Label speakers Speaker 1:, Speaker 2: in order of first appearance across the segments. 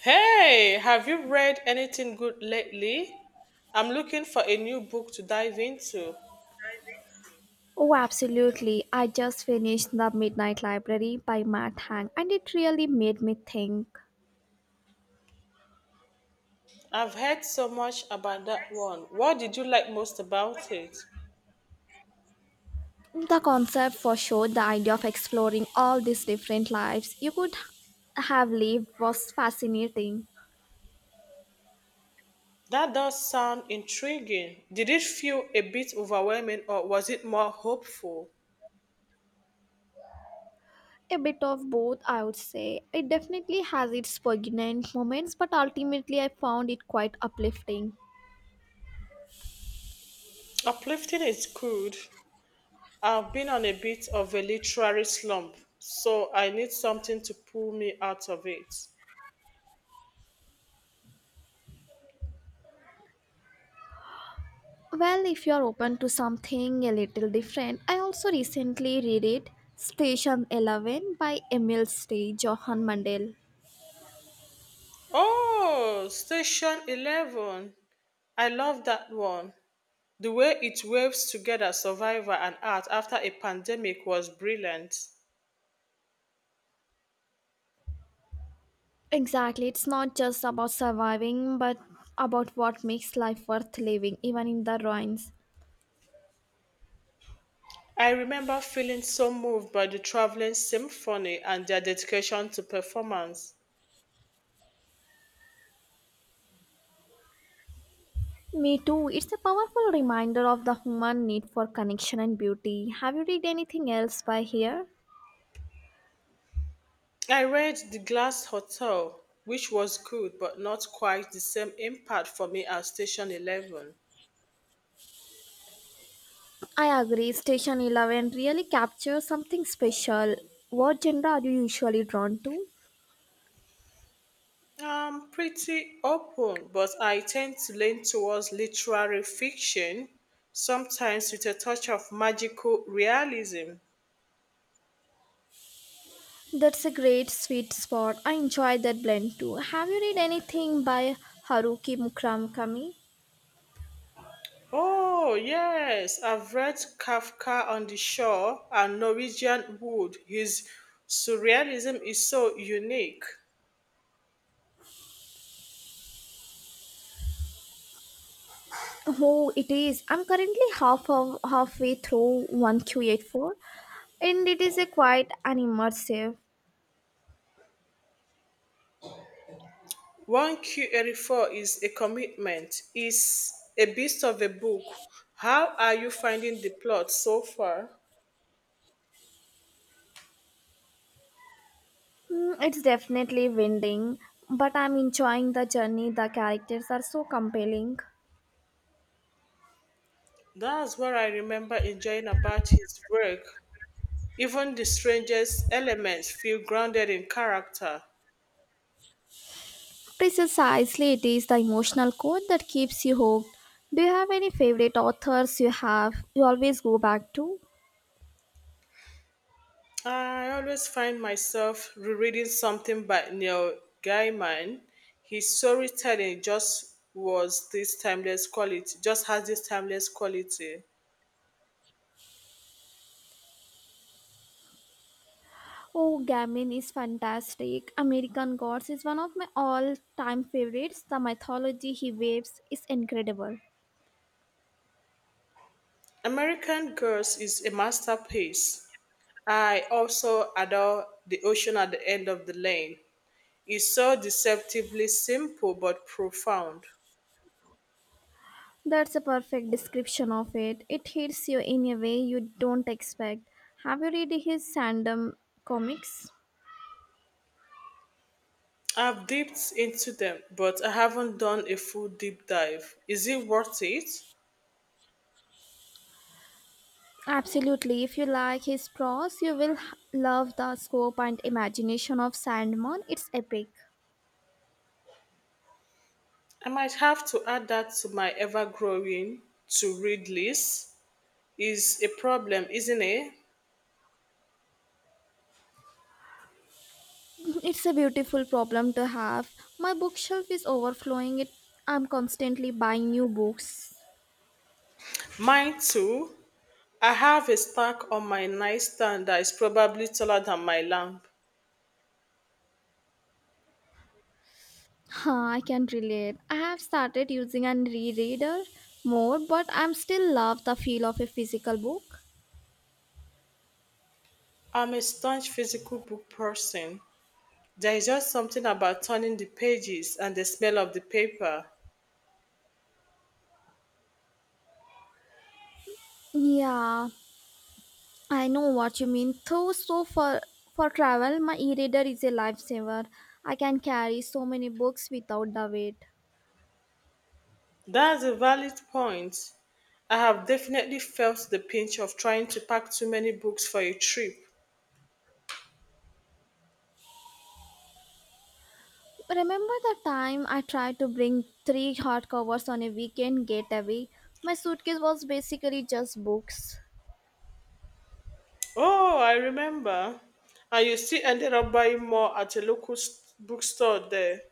Speaker 1: Hey, have you read anything good lately? I'm looking for a new book to dive into.
Speaker 2: Oh, absolutely. I just finished The Midnight Library by Matt Hang, and it really made me think.
Speaker 1: I've heard so much about that one. What did you like most about it?
Speaker 2: The concept for sure, the idea of exploring all these different lives you could have lived was fascinating.
Speaker 1: That does sound intriguing. Did it feel a bit overwhelming or was it more hopeful?
Speaker 2: A bit of both, I would say. It definitely has its poignant moments, but ultimately, I found it quite uplifting.
Speaker 1: Uplifting is good. I've been on a bit of a literary slump, so I need something to pull me out of it.
Speaker 2: Well, if you're open to something a little different, I also recently read it, Station 11 by Emil Stage Johan Mandel.
Speaker 1: Oh, Station 11. I love that one. The way it waves together survival and art after a pandemic was brilliant.
Speaker 2: Exactly. It's not just about surviving, but about what makes life worth living, even in the ruins.
Speaker 1: I remember feeling so moved by the traveling symphony and their dedication to performance.
Speaker 2: Me too. It's a powerful reminder of the human need for connection and beauty. Have you read anything else by here?
Speaker 1: I read The Glass Hotel, which was good but not quite the same impact for me as Station 11.
Speaker 2: I agree. Station 11 really captures something special. What genre are you usually drawn to?
Speaker 1: I'm pretty open, but I tend to lean towards literary fiction, sometimes with a touch of magical realism.
Speaker 2: That's a great sweet spot. I enjoy that blend too. Have you read anything by Haruki Murakami?
Speaker 1: Oh, yes, I've read Kafka on the Shore and Norwegian Wood. His surrealism is so unique.
Speaker 2: Oh, it is. I'm currently halfway through 1Q84 and it is a quite an immersive.
Speaker 1: 1Q84 is a commitment, it's a beast of a book. How are you finding the plot so far?
Speaker 2: It's definitely winding, but I'm enjoying the journey. The characters are so compelling.
Speaker 1: That's what I remember enjoying about his work. Even the strangest elements feel grounded in character.
Speaker 2: Precisely, it is the emotional core that keeps you hooked. Do you have any favorite authors you always go back to?
Speaker 1: I always find myself rereading something by Neil Gaiman. His storytelling just has this timeless quality.
Speaker 2: Oh, Gaiman is fantastic. American Gods is one of my all-time favorites. The mythology he weaves is incredible.
Speaker 1: American Girls is a masterpiece. I also adore The Ocean at the End of the Lane. It's so deceptively simple but profound.
Speaker 2: That's a perfect description of it. It hits you in a way you don't expect. Have you read his Sandom comics?
Speaker 1: I've dipped into them, but I haven't done a full deep dive. Is it worth it?
Speaker 2: Absolutely. If you like his prose, you will love the scope and imagination of Sandman. It's epic.
Speaker 1: I might have to add that to my ever growing to read list is a problem, isn't it?
Speaker 2: It's a beautiful problem to have. My bookshelf is overflowing. It I'm constantly buying new books.
Speaker 1: Mine too. I have a stack on my nightstand that is probably taller than my lamp.
Speaker 2: Huh, I can relate. I have started using an rereader more, but I'm still love the feel of a physical book.
Speaker 1: I'm a staunch physical book person. There is just something about turning the pages and the smell of the paper.
Speaker 2: Yeah, I know what you mean. Though, so for travel, my e-reader is a lifesaver. I can carry so many books without the weight.
Speaker 1: That's a valid point. I have definitely felt the pinch of trying to pack too many books for a trip.
Speaker 2: Remember the time I tried to bring three hardcovers on a weekend getaway? My suitcase was basically just books.
Speaker 1: Oh, I remember. And you still ended up buying more at a local bookstore there.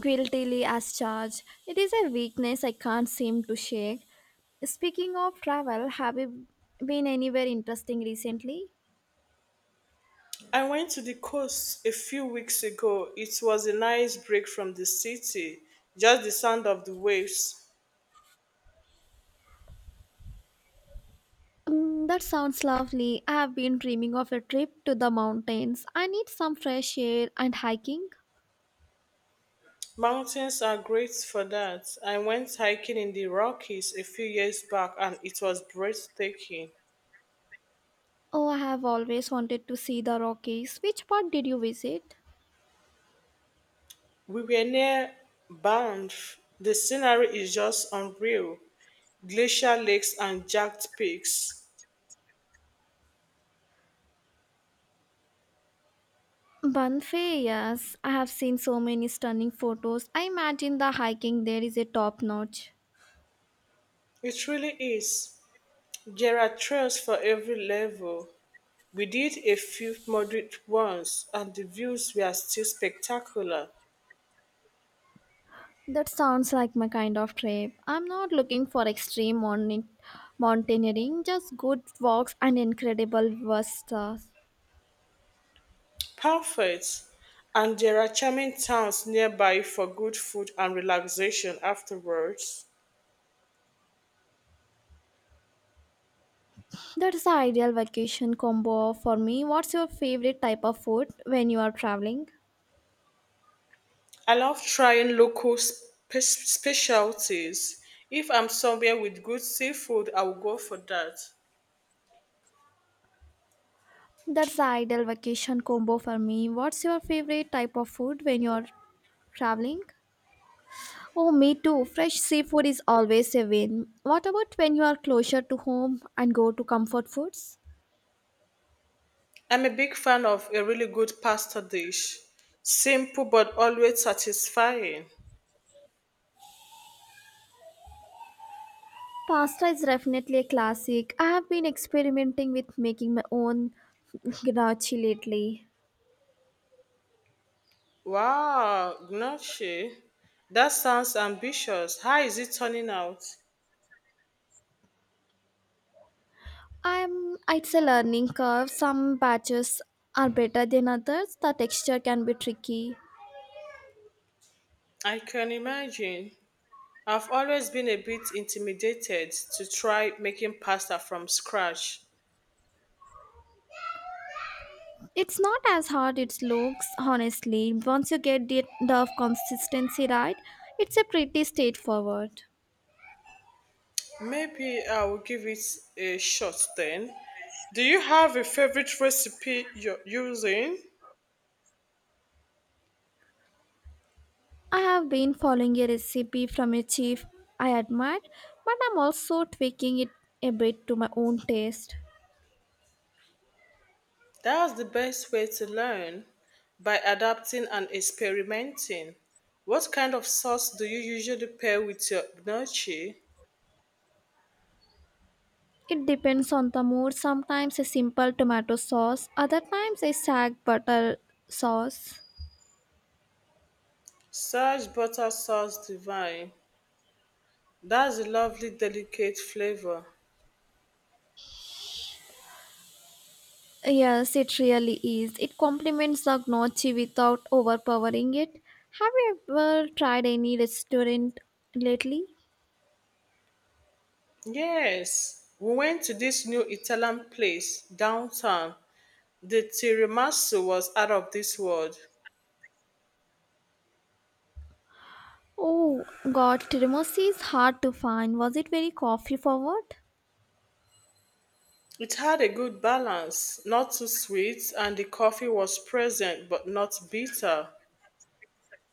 Speaker 2: Guiltily as charged. It is a weakness I can't seem to shake. Speaking of travel, have you been anywhere interesting recently?
Speaker 1: I went to the coast a few weeks ago. It was a nice break from the city, just the sound of the waves.
Speaker 2: That sounds lovely. I have been dreaming of a trip to the mountains. I need some fresh air and hiking.
Speaker 1: Mountains are great for that. I went hiking in the Rockies a few years back and it was breathtaking.
Speaker 2: Oh, I have always wanted to see the Rockies. Which part did you visit?
Speaker 1: We were near Banff. The scenery is just unreal glacial lakes and jagged peaks.
Speaker 2: Banff, yes. I have seen so many stunning photos. I imagine the hiking there is a top notch.
Speaker 1: It really is. There are trails for every level. We did a few moderate ones, and the views were still spectacular.
Speaker 2: That sounds like my kind of trip. I'm not looking for extreme mountaineering, just good walks and incredible vistas.
Speaker 1: Perfect! And there are charming towns nearby for good food and relaxation afterwards.
Speaker 2: That is the ideal vacation combo for me. What's your favorite type of food when you are traveling?
Speaker 1: I love trying local specialties. If I'm somewhere with good seafood, I will go for that.
Speaker 2: That's the ideal vacation combo for me. What's your favorite type of food when you're traveling? Oh, me too. Fresh seafood is always a win. What about when you are closer to home and go to comfort foods?
Speaker 1: I'm a big fan of a really good pasta dish. Simple but always satisfying.
Speaker 2: Pasta is definitely a classic. I have been experimenting with making my own gnocchi lately.
Speaker 1: Wow, gnocchi, that sounds ambitious. How is it turning out?
Speaker 2: I'm it's a learning curve. Some batches are better than others. The texture can be tricky.
Speaker 1: I can imagine. I've always been a bit intimidated to try making pasta from scratch.
Speaker 2: It's not as hard it looks, honestly. Once you get the consistency right, it's a pretty straightforward.
Speaker 1: Maybe I will give it a shot then. Do you have a favorite recipe you're using?
Speaker 2: I have been following a recipe from a chef I admire, but I'm also tweaking it a bit to my own taste.
Speaker 1: That's the best way to learn by adapting and experimenting. What kind of sauce do you usually pair with your gnocchi?
Speaker 2: It depends on the mood. Sometimes a simple tomato sauce, other times a sag butter sauce.
Speaker 1: Such butter sauce divine. That's a lovely, delicate flavor.
Speaker 2: Yes, it really is. It complements the gnocchi without overpowering it. Have you ever tried any restaurant lately?
Speaker 1: Yes, we went to this new Italian place downtown. The tiramisu was out of this world.
Speaker 2: Oh God, Tiramisu is hard to find. Was it very coffee forward?
Speaker 1: It had a good balance, not too sweet, and the coffee was present but not bitter.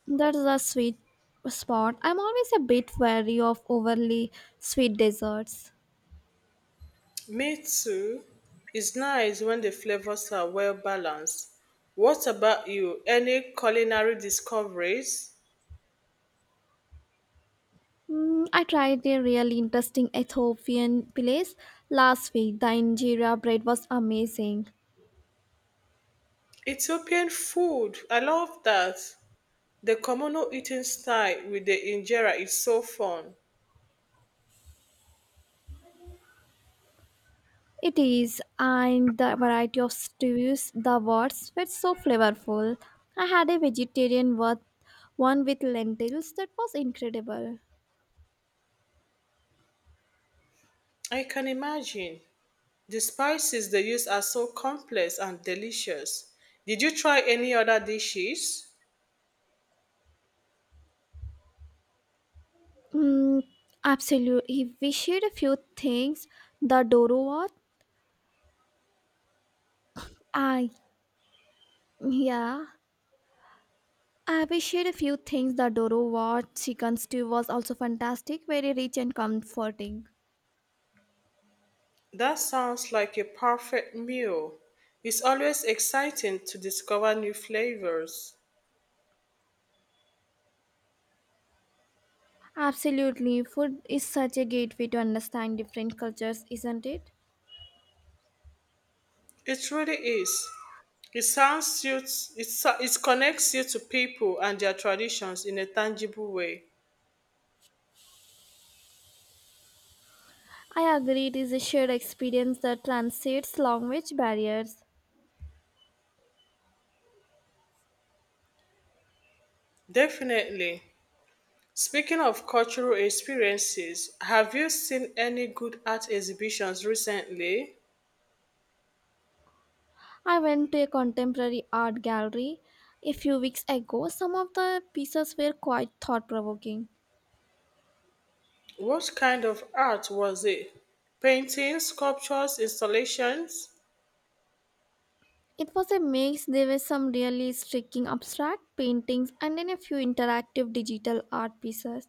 Speaker 2: That's a sweet spot. I'm always a bit wary of overly sweet desserts.
Speaker 1: Me too. It's nice when the flavors are well balanced. What about you? Any culinary discoveries?
Speaker 2: I tried a really interesting Ethiopian place last week. The injera bread was amazing.
Speaker 1: Ethiopian food. I love that. The communal eating style with the injera is so fun.
Speaker 2: It is, and the variety of stews the words were so flavorful. I had a vegetarian with one with lentils that was incredible.
Speaker 1: I can imagine. The spices they use are so complex and delicious. Did you try any other dishes?
Speaker 2: Mm, absolutely, we shared a few things. The Doro what? I yeah. I we shared a few things. The Doro what chicken stew was also fantastic, very rich and comforting.
Speaker 1: That sounds like a perfect meal. It's always exciting to discover new flavors.
Speaker 2: Absolutely, food is such a gateway to understand different cultures, isn't it?
Speaker 1: It really is. It sounds you it connects you to people and their traditions in a tangible way.
Speaker 2: I agree it is a shared experience that transcends language barriers.
Speaker 1: Definitely. Speaking of cultural experiences, have you seen any good art exhibitions recently?
Speaker 2: I went to a contemporary art gallery a few weeks ago. Some of the pieces were quite thought provoking.
Speaker 1: What kind of art was it? Paintings, sculptures, installations?
Speaker 2: It was a mix, there were some really striking abstract paintings and then a few interactive digital art pieces.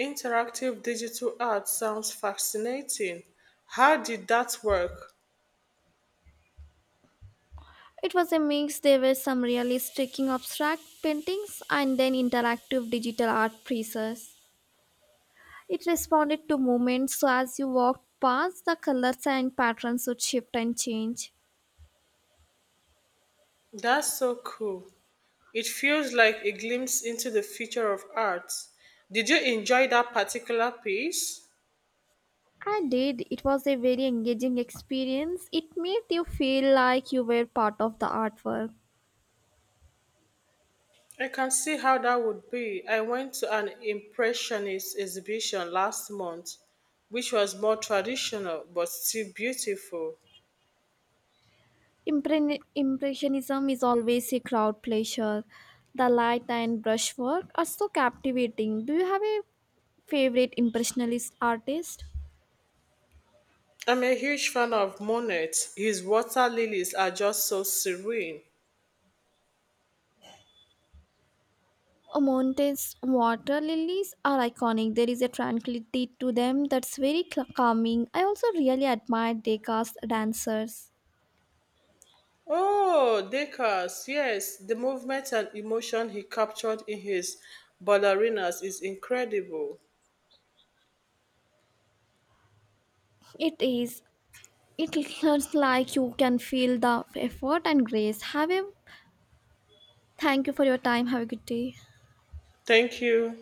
Speaker 1: Interactive digital art sounds fascinating. How did that work?
Speaker 2: It was a mix, there were some really striking abstract paintings and then interactive digital art pieces. It responded to movements, so as you walked past, the colors and patterns would shift and change.
Speaker 1: That's so cool. It feels like a glimpse into the future of art. Did you enjoy that particular piece?
Speaker 2: I did. It was a very engaging experience. It made you feel like you were part of the artwork.
Speaker 1: I can see how that would be. I went to an Impressionist exhibition last month, which was more traditional but still beautiful.
Speaker 2: Impressionism is always a crowd pleasure. The light and brushwork are so captivating. Do you have a favorite impressionist artist?
Speaker 1: I'm a huge fan of Monet. His water lilies are just so serene.
Speaker 2: Montes water lilies are iconic. There is a tranquility to them that's very calming. I also really admire Degas dancers.
Speaker 1: Oh, Degas, yes, the movement and emotion he captured in his ballerinas is incredible.
Speaker 2: It is. It looks like you can feel the effort and grace. Have a thank you for your time. Have a good day.
Speaker 1: Thank you.